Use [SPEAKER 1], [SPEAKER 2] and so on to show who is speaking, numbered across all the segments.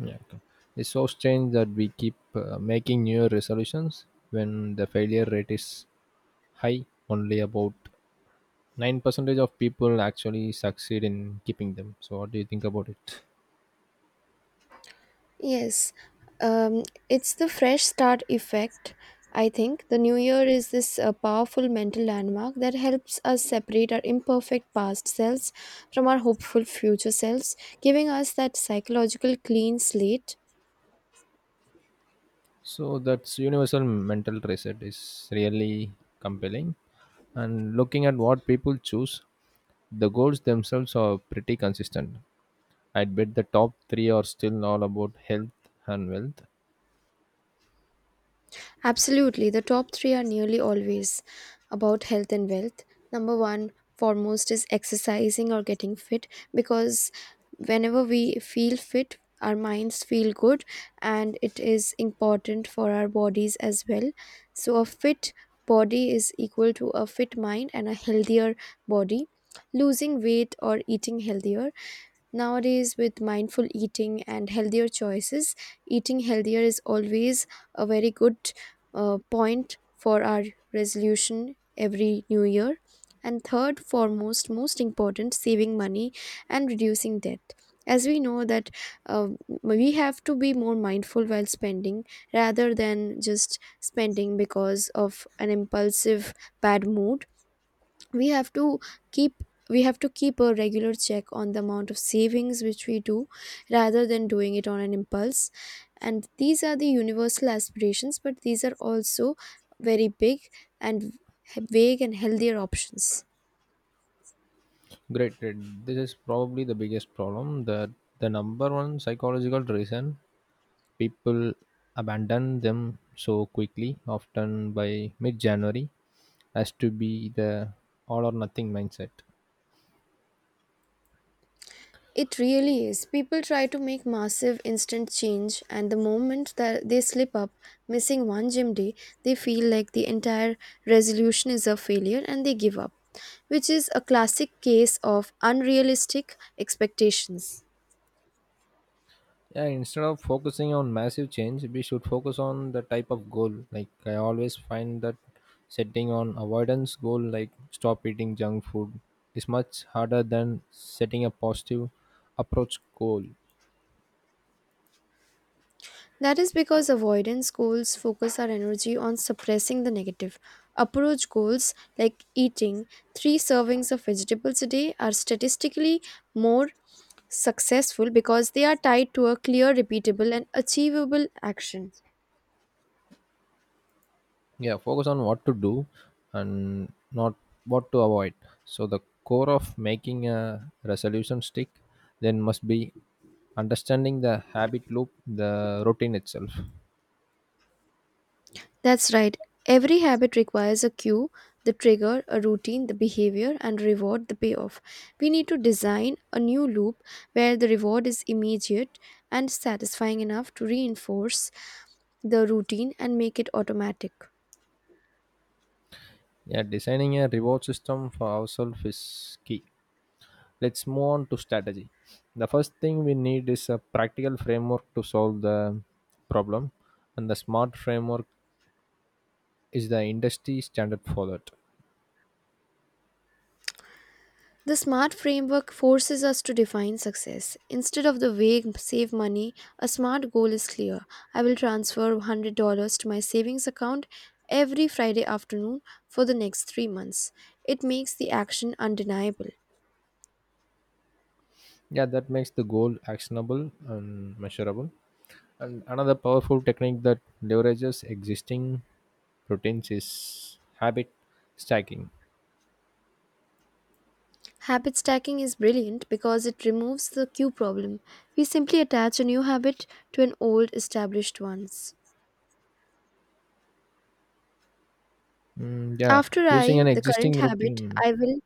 [SPEAKER 1] Yeah. Okay. It's so strange that we keep making new resolutions when the failure rate is high. Only about 9% of people actually succeed in keeping them. So, what do you think about it?
[SPEAKER 2] Yes, um, it's the fresh start effect. I think the new year is this powerful mental landmark that helps us separate our imperfect past selves from our hopeful future selves, giving us that psychological clean slate.
[SPEAKER 1] So, that's universal mental reset is really compelling. And looking at what people choose, the goals themselves are pretty consistent. I'd bet the top three are still all about health and wealth.
[SPEAKER 2] Absolutely. The top three are nearly always about health and wealth. Number one, foremost is exercising or getting fit, because whenever we feel fit, our minds feel good and it is important for our bodies as well. So, a fit body is equal to a fit mind and a healthier body, losing weight or eating healthier. Nowadays, with mindful eating and healthier choices, eating healthier is always a very good point for our resolution every new year. And third, foremost, most important, saving money and reducing debt. As we know that we have to be more mindful while spending rather than just spending because of an impulsive bad mood. we have to keep we have to keep a regular check on the amount of savings which we do, rather than doing it on an impulse. And these are the universal aspirations, but these are also very big and vague and healthier options.
[SPEAKER 1] Great, great. This is probably the biggest problem. That the number one psychological reason people abandon them so quickly, often by mid-January, has to be the all or nothing mindset.
[SPEAKER 2] It really is. People try to make massive instant change, and the moment that they slip up, missing one gym day, they feel like the entire resolution is a failure and they give up, which is a classic case of unrealistic expectations.
[SPEAKER 1] Yeah, instead of focusing on massive change, we should focus on the type of goal. Like I always find that setting on avoidance goal like stop eating junk food is much harder than setting a positive approach goal.
[SPEAKER 2] That is because avoidance goals focus our energy on suppressing the negative. Approach goals like eating three servings of vegetables a day are statistically more successful because they are tied to a clear, repeatable, and achievable action.
[SPEAKER 1] Yeah, focus on what to do and not what to avoid. So the core of making a resolution stick then must be understanding the habit loop, the routine itself.
[SPEAKER 2] That's right. Every habit requires a cue, the trigger, a routine, the behavior, and reward, the payoff. We need to design a new loop where the reward is immediate and satisfying enough to reinforce the routine and make it automatic.
[SPEAKER 1] Yeah, designing a reward system for ourselves is key. Let's move on to strategy. The first thing we need is a practical framework to solve the problem, and the smart framework is the industry standard for that.
[SPEAKER 2] The SMART framework forces us to define success. Instead of the vague save money, a SMART goal is clear. I will transfer $100 to my savings account every Friday afternoon for the next 3 months. It makes the action undeniable.
[SPEAKER 1] Yeah, that makes the goal actionable and measurable. And another powerful technique that leverages existing routines is habit stacking.
[SPEAKER 2] Habit stacking is brilliant because it removes the cue problem. We simply attach a new habit to an old established ones.
[SPEAKER 1] Mm, yeah,
[SPEAKER 2] After
[SPEAKER 1] using an
[SPEAKER 2] I, the current
[SPEAKER 1] existing
[SPEAKER 2] habit,
[SPEAKER 1] routine.
[SPEAKER 2] I will.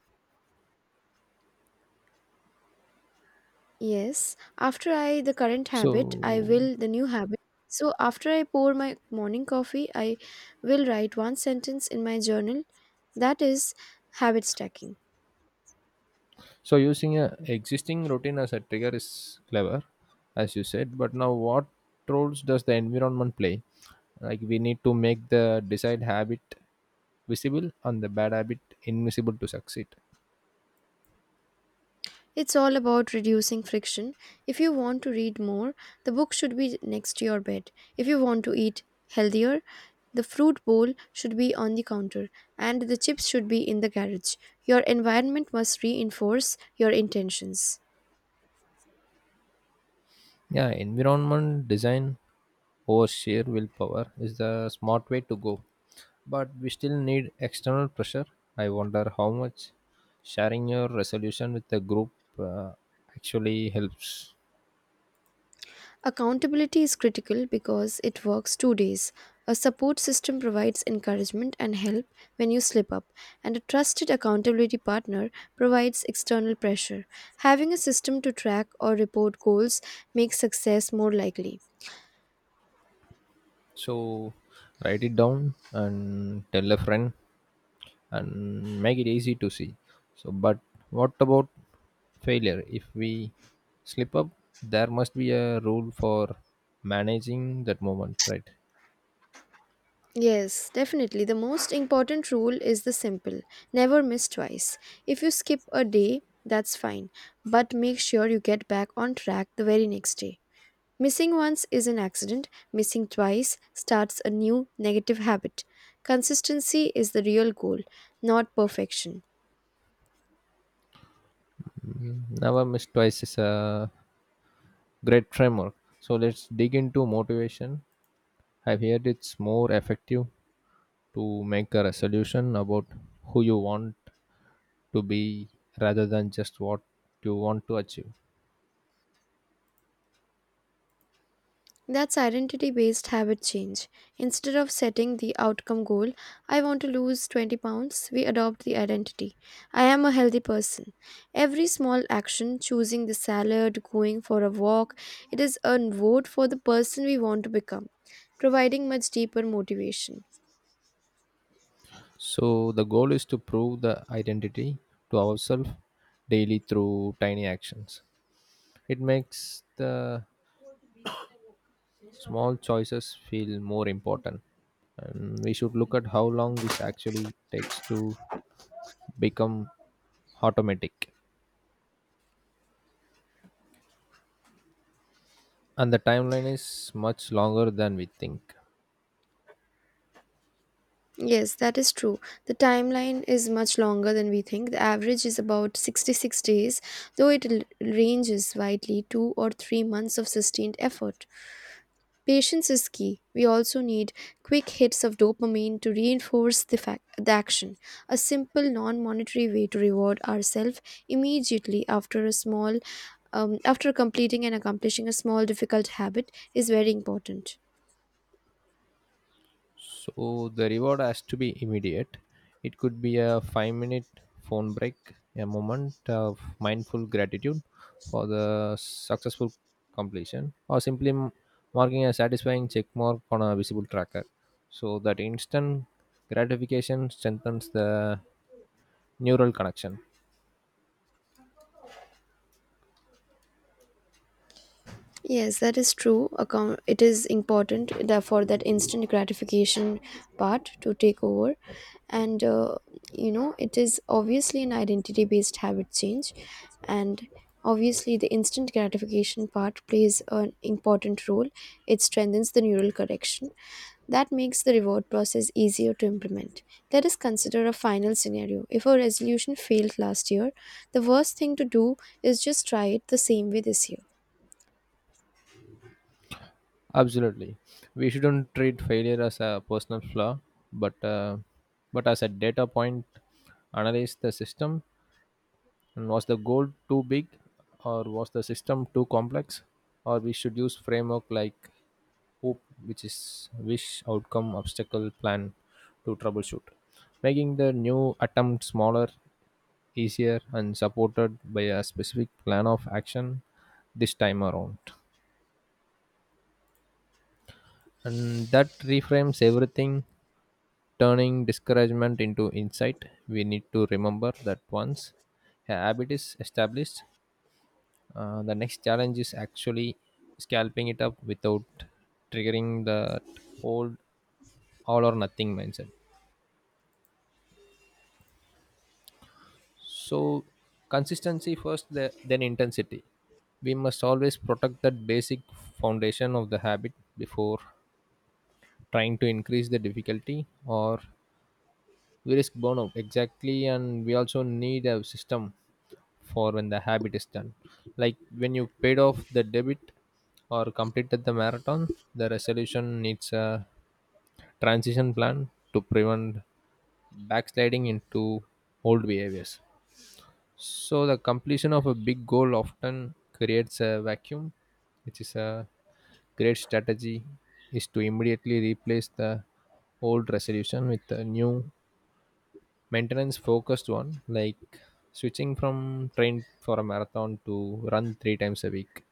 [SPEAKER 2] Yes, after I the current habit, I
[SPEAKER 1] So,
[SPEAKER 2] will the new habit. So after I pour my morning coffee, I will write one sentence in my journal. That is habit stacking.
[SPEAKER 1] so using a existing routine as a trigger is clever, as you said. But now, what roles does the environment play? Like we need to make the desired habit visible and the bad habit invisible to succeed.
[SPEAKER 2] It's all about reducing friction. If you want to read more, the book should be next to your bed. If you want to eat healthier, the fruit bowl should be on the counter and the chips should be in the garage. Your environment must reinforce your intentions.
[SPEAKER 1] Yeah, environment design over sheer willpower is the smart way to go. But we still need external pressure. I wonder how much sharing your resolution with the group uh, actually helps.
[SPEAKER 2] Accountability is critical because it works two days. A support system provides encouragement and help when you slip up, and a trusted accountability partner provides external pressure. Having a system to track or report goals makes success more likely.
[SPEAKER 1] So write it down and tell a friend and make it easy to see. So, but what about failure? If we slip up, there must be a rule for managing that moment, right?
[SPEAKER 2] Yes, definitely. The most important rule is the simple never miss twice. If you skip a day, that's fine, but make sure you get back on track the very next day. Missing once is an accident, missing twice starts a new negative habit. Consistency is the real goal, not perfection.
[SPEAKER 1] Never miss twice is a great framework. So let's dig into motivation. I've heard it's more effective to make a resolution about who you want to be rather than just what you want to achieve.
[SPEAKER 2] That's identity based habit change. Instead of setting the outcome goal, I want to lose 20 pounds, we adopt the identity. I am a healthy person. Every small action, choosing the salad, going for a walk, it is a vote for the person we want to become, providing much deeper motivation.
[SPEAKER 1] So the goal is to prove the identity to ourselves daily through tiny actions. It makes the small choices feel more important. And we should look at how long this actually takes to become automatic. And the timeline is much longer than we think.
[SPEAKER 2] Yes, that is true. The timeline is much longer than we think. The average is about 66 days, though it ranges widely, 2 or 3 months of sustained effort. Patience is key. We also need quick hits of dopamine to reinforce the action. A simple, non monetary way to reward ourselves immediately after a small after completing and accomplishing a small difficult habit is very important.
[SPEAKER 1] So the reward has to be immediate. It could be a 5 minute phone break, a moment of mindful gratitude for the successful completion, or simply marking a satisfying check mark on a visible tracker. So that instant gratification strengthens the neural connection.
[SPEAKER 2] Yes, that is true. Account it is important that for that instant gratification part to take over, and it is obviously an identity-based habit change, and obviously the instant gratification part plays an important role. It strengthens the neural connection that makes the reward process easier to implement. Let us consider a final scenario. If a resolution failed last year, the worst thing to do is just try it the same way this year.
[SPEAKER 1] Absolutely. We shouldn't treat failure as a personal flaw, but uh, but as a data point, analyze the system. And was the goal too big, or was the system too complex, or we should use framework like hoop, which is wish, outcome, obstacle, plan to troubleshoot, making the new attempt smaller, easier, and supported by a specific plan of action this time around. And that reframes everything, turning discouragement into insight. We need to remember that once a habit is established, the next challenge is actually scalping it up without triggering that old all or nothing mindset. So, consistency first, then intensity. We must always protect that basic foundation of the habit before trying to increase the difficulty or we risk burnout. Exactly, and we also need a system for when the habit is done, like when you paid off the debit or completed the marathon. The resolution needs a transition plan to prevent backsliding into old behaviors. So the completion of a big goal often creates a vacuum, which is a great strategy is to immediately replace the old resolution with a new maintenance focused one, like switching from train for a marathon to run 3 times a week.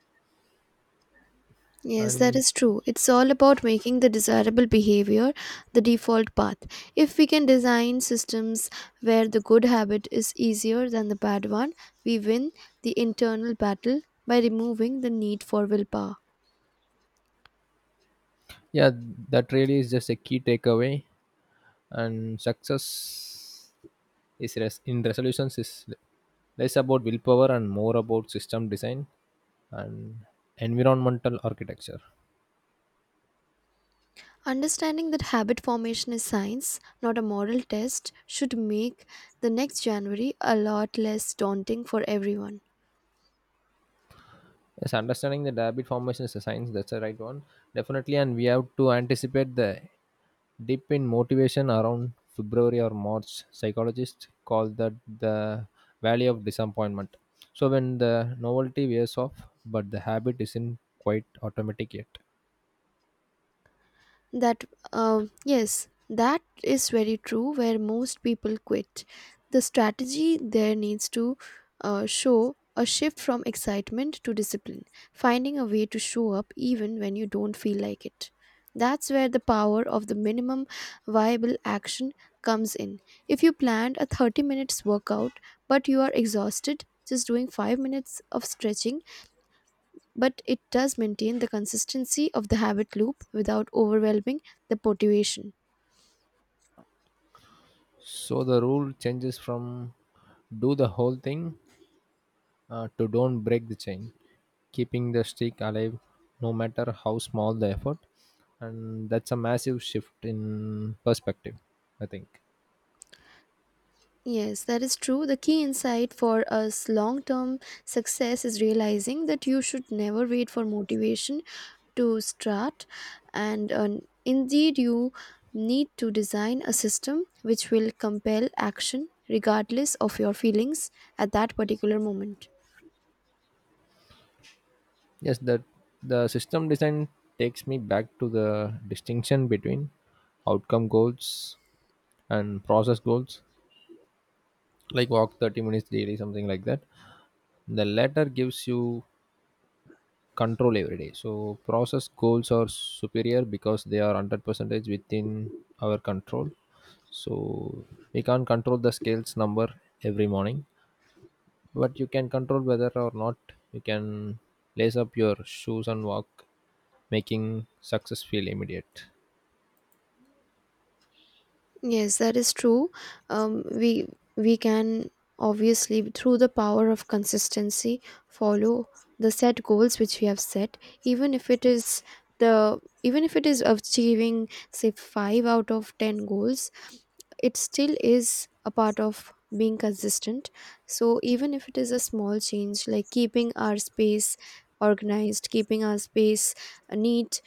[SPEAKER 2] Yes, that
[SPEAKER 1] And
[SPEAKER 2] is true. It's all about making the desirable behavior the default path. If we can design systems where the good habit is easier than the bad one, we win the internal battle by removing the need for willpower.
[SPEAKER 1] yeah, that really is just a key takeaway, and success is in resolutions is less about willpower and more about system design and environmental architecture.
[SPEAKER 2] Understanding that habit formation is science, not a moral test, should make the next January a lot less daunting for everyone.
[SPEAKER 1] Yes, understanding the habit formation is a science. That's the right one, definitely. And we have to anticipate the dip in motivation around February or March. Psychologists call that the valley of disappointment. So when the novelty wears off, but the habit isn't quite automatic yet.
[SPEAKER 2] That, yes, that is very true, where most people quit. The strategy there needs to show a shift from excitement to discipline, finding a way to show up even when you don't feel like it. That's where the power of the minimum viable action comes in. If you planned a 30 minutes workout but you are exhausted, just doing 5 minutes of stretching but it does maintain the consistency of the habit loop without overwhelming the motivation.
[SPEAKER 1] So the rule changes from do the whole thing to don't break the chain, keeping the streak alive no matter how small the effort. And that's a massive shift in perspective, I think.
[SPEAKER 2] Yes, that is true. The key insight for us long term success is realizing that you should never wait for motivation to start, and indeed, you need to design a system which will compel action regardless of your feelings at that particular moment.
[SPEAKER 1] Yes, that the system design takes me back to the distinction between outcome goals and process goals, like walk 30 minutes daily, something like that. The latter gives you control every day. So process goals are superior because they are 100 percentage within our control. So we can't control the scales number every morning, but you can control whether or not you can lace up your shoes and walk, making success feel immediate.
[SPEAKER 2] Yes, that is true. Um, we we can obviously through the power of consistency follow the set goals which we have set, even if it is achieving say five out of ten goals, it still is a part of being consistent. So even if it is a small change like keeping our space organized, keeping our space neat,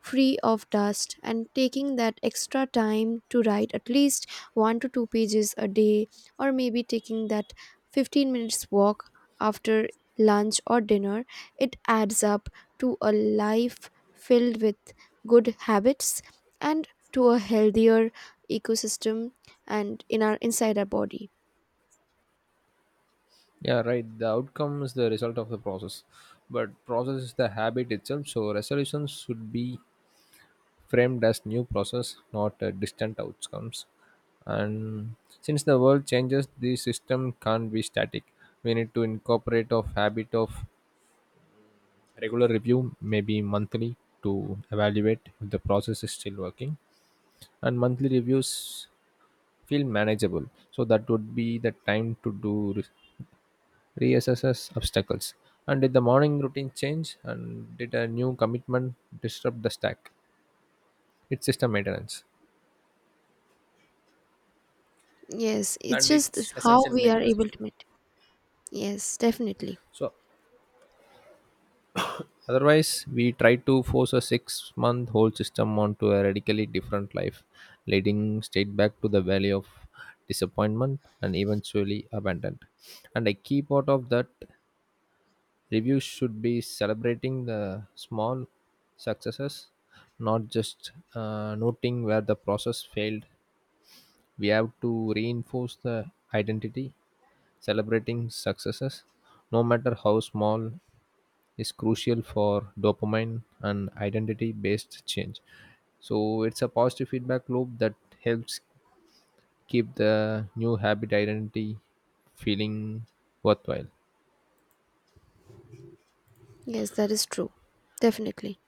[SPEAKER 2] free of dust, and taking that extra time to write at least 1 to 2 pages a day, or maybe taking that 15 minutes walk after lunch or dinner, it adds up to a life filled with good habits and to a healthier ecosystem and in our inside our body.
[SPEAKER 1] Yeah, right. The outcome is the result of the process, but process is the habit itself. So resolutions should be framed as new process, not distant outcomes. And since the world changes, the system can't be static. We need to incorporate a habit of regular review, maybe monthly, to evaluate if the process is still working. And monthly reviews feel manageable. So that would be the time to do reassess obstacles. And did the morning routine change? And did a new commitment disrupt the stack? It's system maintenance
[SPEAKER 2] Yes it's
[SPEAKER 1] and
[SPEAKER 2] just
[SPEAKER 1] it's
[SPEAKER 2] how
[SPEAKER 1] essential
[SPEAKER 2] we are
[SPEAKER 1] maintenance
[SPEAKER 2] able
[SPEAKER 1] too.
[SPEAKER 2] to meet Yes, definitely.
[SPEAKER 1] So otherwise, we try to force a 6-month whole system onto a radically different life, leading straight back to the valley of disappointment and eventually abandon. And a key part of that review should be celebrating the small successes, not just noting where the process failed. We have to reinforce the identity, celebrating successes, no matter how small, is crucial for dopamine and identity based change. So it's a positive feedback loop that helps keep the new habit identity feeling worthwhile.
[SPEAKER 2] Yes, that is true. Definitely.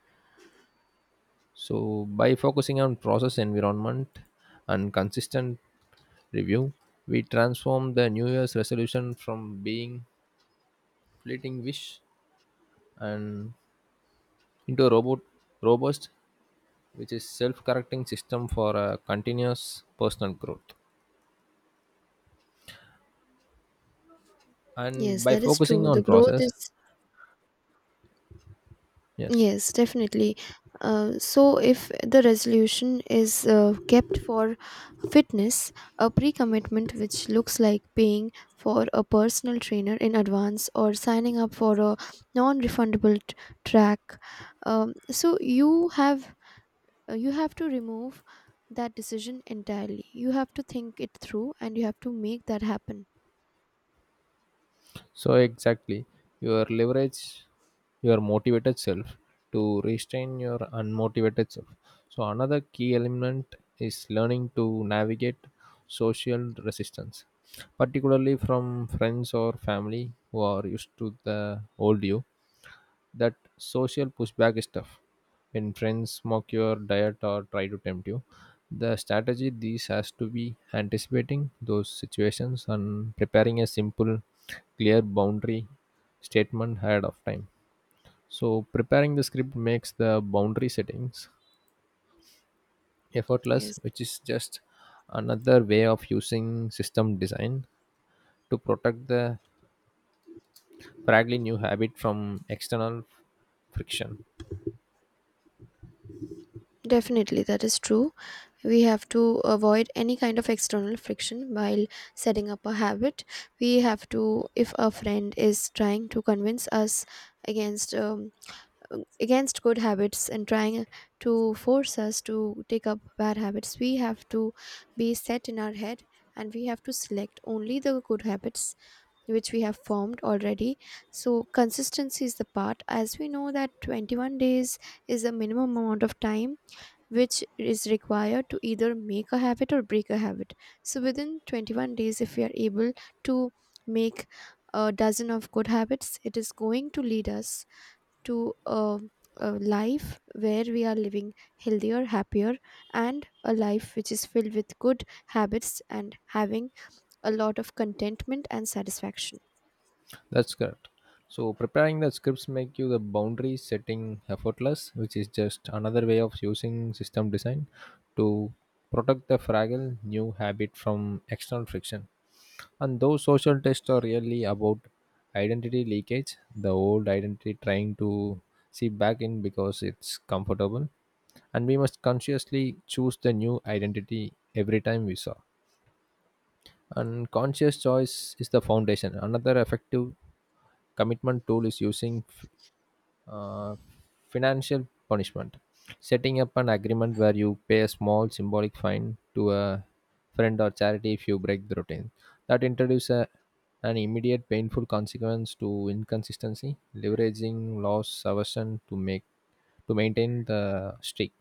[SPEAKER 1] So by focusing on process environment and consistent review, we transform the New Year's resolution from being fleeting wish and into a robust, which is self-correcting system for continuous personal growth. And
[SPEAKER 2] Yes,
[SPEAKER 1] by
[SPEAKER 2] that is
[SPEAKER 1] focusing
[SPEAKER 2] true. The
[SPEAKER 1] on
[SPEAKER 2] growth
[SPEAKER 1] process,
[SPEAKER 2] is
[SPEAKER 1] yes,
[SPEAKER 2] yes, definitely. So, if the resolution is kept for fitness, a pre commitment which looks like paying for a personal trainer in advance or signing up for a non refundable t- track, so you have to remove that decision entirely. You have to think it through and you have to make that happen.
[SPEAKER 1] so exactly, your leverage your motivated self to restrain your unmotivated self. So another key element is learning to navigate social resistance, particularly from friends or family who are used to the old you, that social pushback stuff. When friends mock your diet or try to tempt you, the strategy these has to be anticipating those situations and preparing a simple, clear boundary statement ahead of time. So preparing the script makes the boundary settings effortless,
[SPEAKER 2] Yes.
[SPEAKER 1] which is just another way of using system design to protect the fragile new habit from external friction.
[SPEAKER 2] Definitely, that is true. We have to avoid any kind of external friction while setting up a habit. We have to, if a friend is trying to convince us against against good habits and trying to force us to take up bad habits, we have to be set in our head and we have to select only the good habits which we have formed already. So consistency is the part, as we know that 21 days is the minimum amount of time which is required to either make a habit or break a habit. So within 21 days, if we are able to make a dozen of good habits, it is going to lead us to a life where we are living healthier, happier, and a life which is filled with good habits and having a lot of contentment and satisfaction.
[SPEAKER 1] That's correct. So preparing the scripts make you the boundary setting effortless, which is just another way of using system design to protect the fragile new habit from external friction. And those social tests are really about identity leakage, the old identity trying to see back in because it's comfortable. And we must consciously choose the new identity every time we saw. And conscious choice is the foundation. Another effective commitment tool is using uh, financial punishment, setting up an agreement where you pay a small symbolic fine to a friend or charity if you break the routine. That introduces an immediate painful consequence to inconsistency, leveraging loss aversion to make to maintain the streak.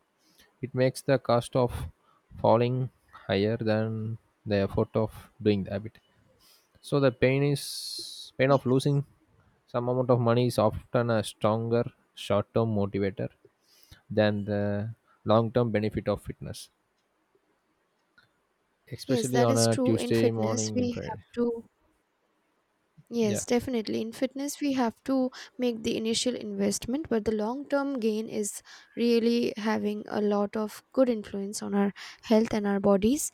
[SPEAKER 1] It makes the cost of falling higher than the effort of doing the habit. So the pain is pain of
[SPEAKER 2] Yes,
[SPEAKER 1] losing some amount of money is often a stronger short-term motivator than the long-term benefit of fitness,
[SPEAKER 2] yes,
[SPEAKER 1] especially
[SPEAKER 2] that
[SPEAKER 1] on
[SPEAKER 2] is
[SPEAKER 1] a
[SPEAKER 2] true. In
[SPEAKER 1] Tuesday
[SPEAKER 2] fitness,
[SPEAKER 1] morning in
[SPEAKER 2] we have
[SPEAKER 1] Friday.
[SPEAKER 2] to
[SPEAKER 1] Yeah,
[SPEAKER 2] Yes, definitely. In fitness, we have to make the initial investment, but the long term gain is really having a lot of good influence on our health and our bodies.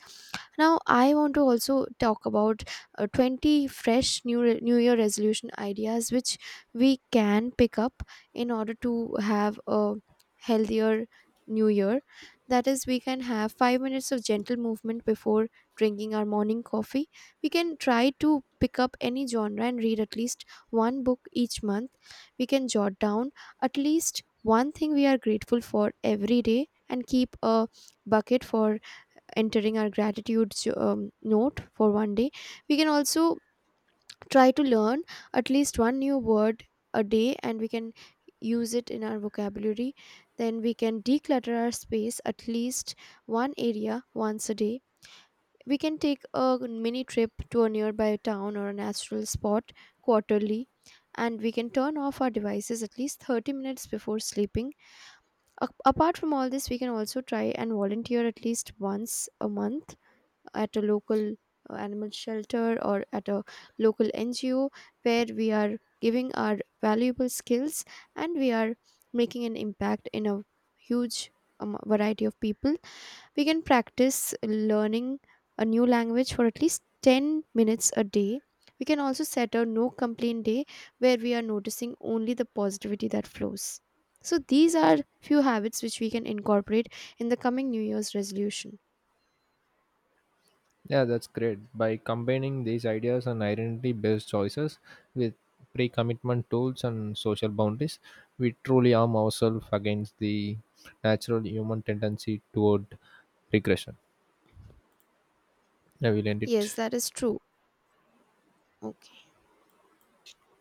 [SPEAKER 2] Now, I want to also talk about 20 new Year resolution ideas which we can pick up in order to have a healthier New Year. That is, we can have 5 minutes of gentle movement before drinking our morning coffee. We can try to pick up any genre and read at least one book each month. We can jot down at least one thing we are grateful for every day and keep a bucket for entering our gratitude note for one day. We can also try to learn at least one new word a day and we can use it in our vocabulary. Then we can declutter our space at least one area once a day. We can take a mini trip to a nearby town or a natural spot quarterly, and we can turn off our devices at least 30 minutes before sleeping. Apart from all this, we can also try and volunteer at least once a month at a local animal shelter or at a local NGO where we are giving our valuable skills and we are making an impact in a huge variety of people. We can practice learning a new language for at least 10 minutes a day. We can also set a no complaint day where we are noticing only the positivity that flows. So, these are few habits which we can incorporate in the coming New Year's resolution.
[SPEAKER 1] yeah, that's great. By combining these ideas and identity-based choices with pre-commitment tools and social boundaries, we truly arm ourselves against the natural human tendency toward regression. I will end
[SPEAKER 2] Yes,
[SPEAKER 1] it.
[SPEAKER 2] that is true. Okay.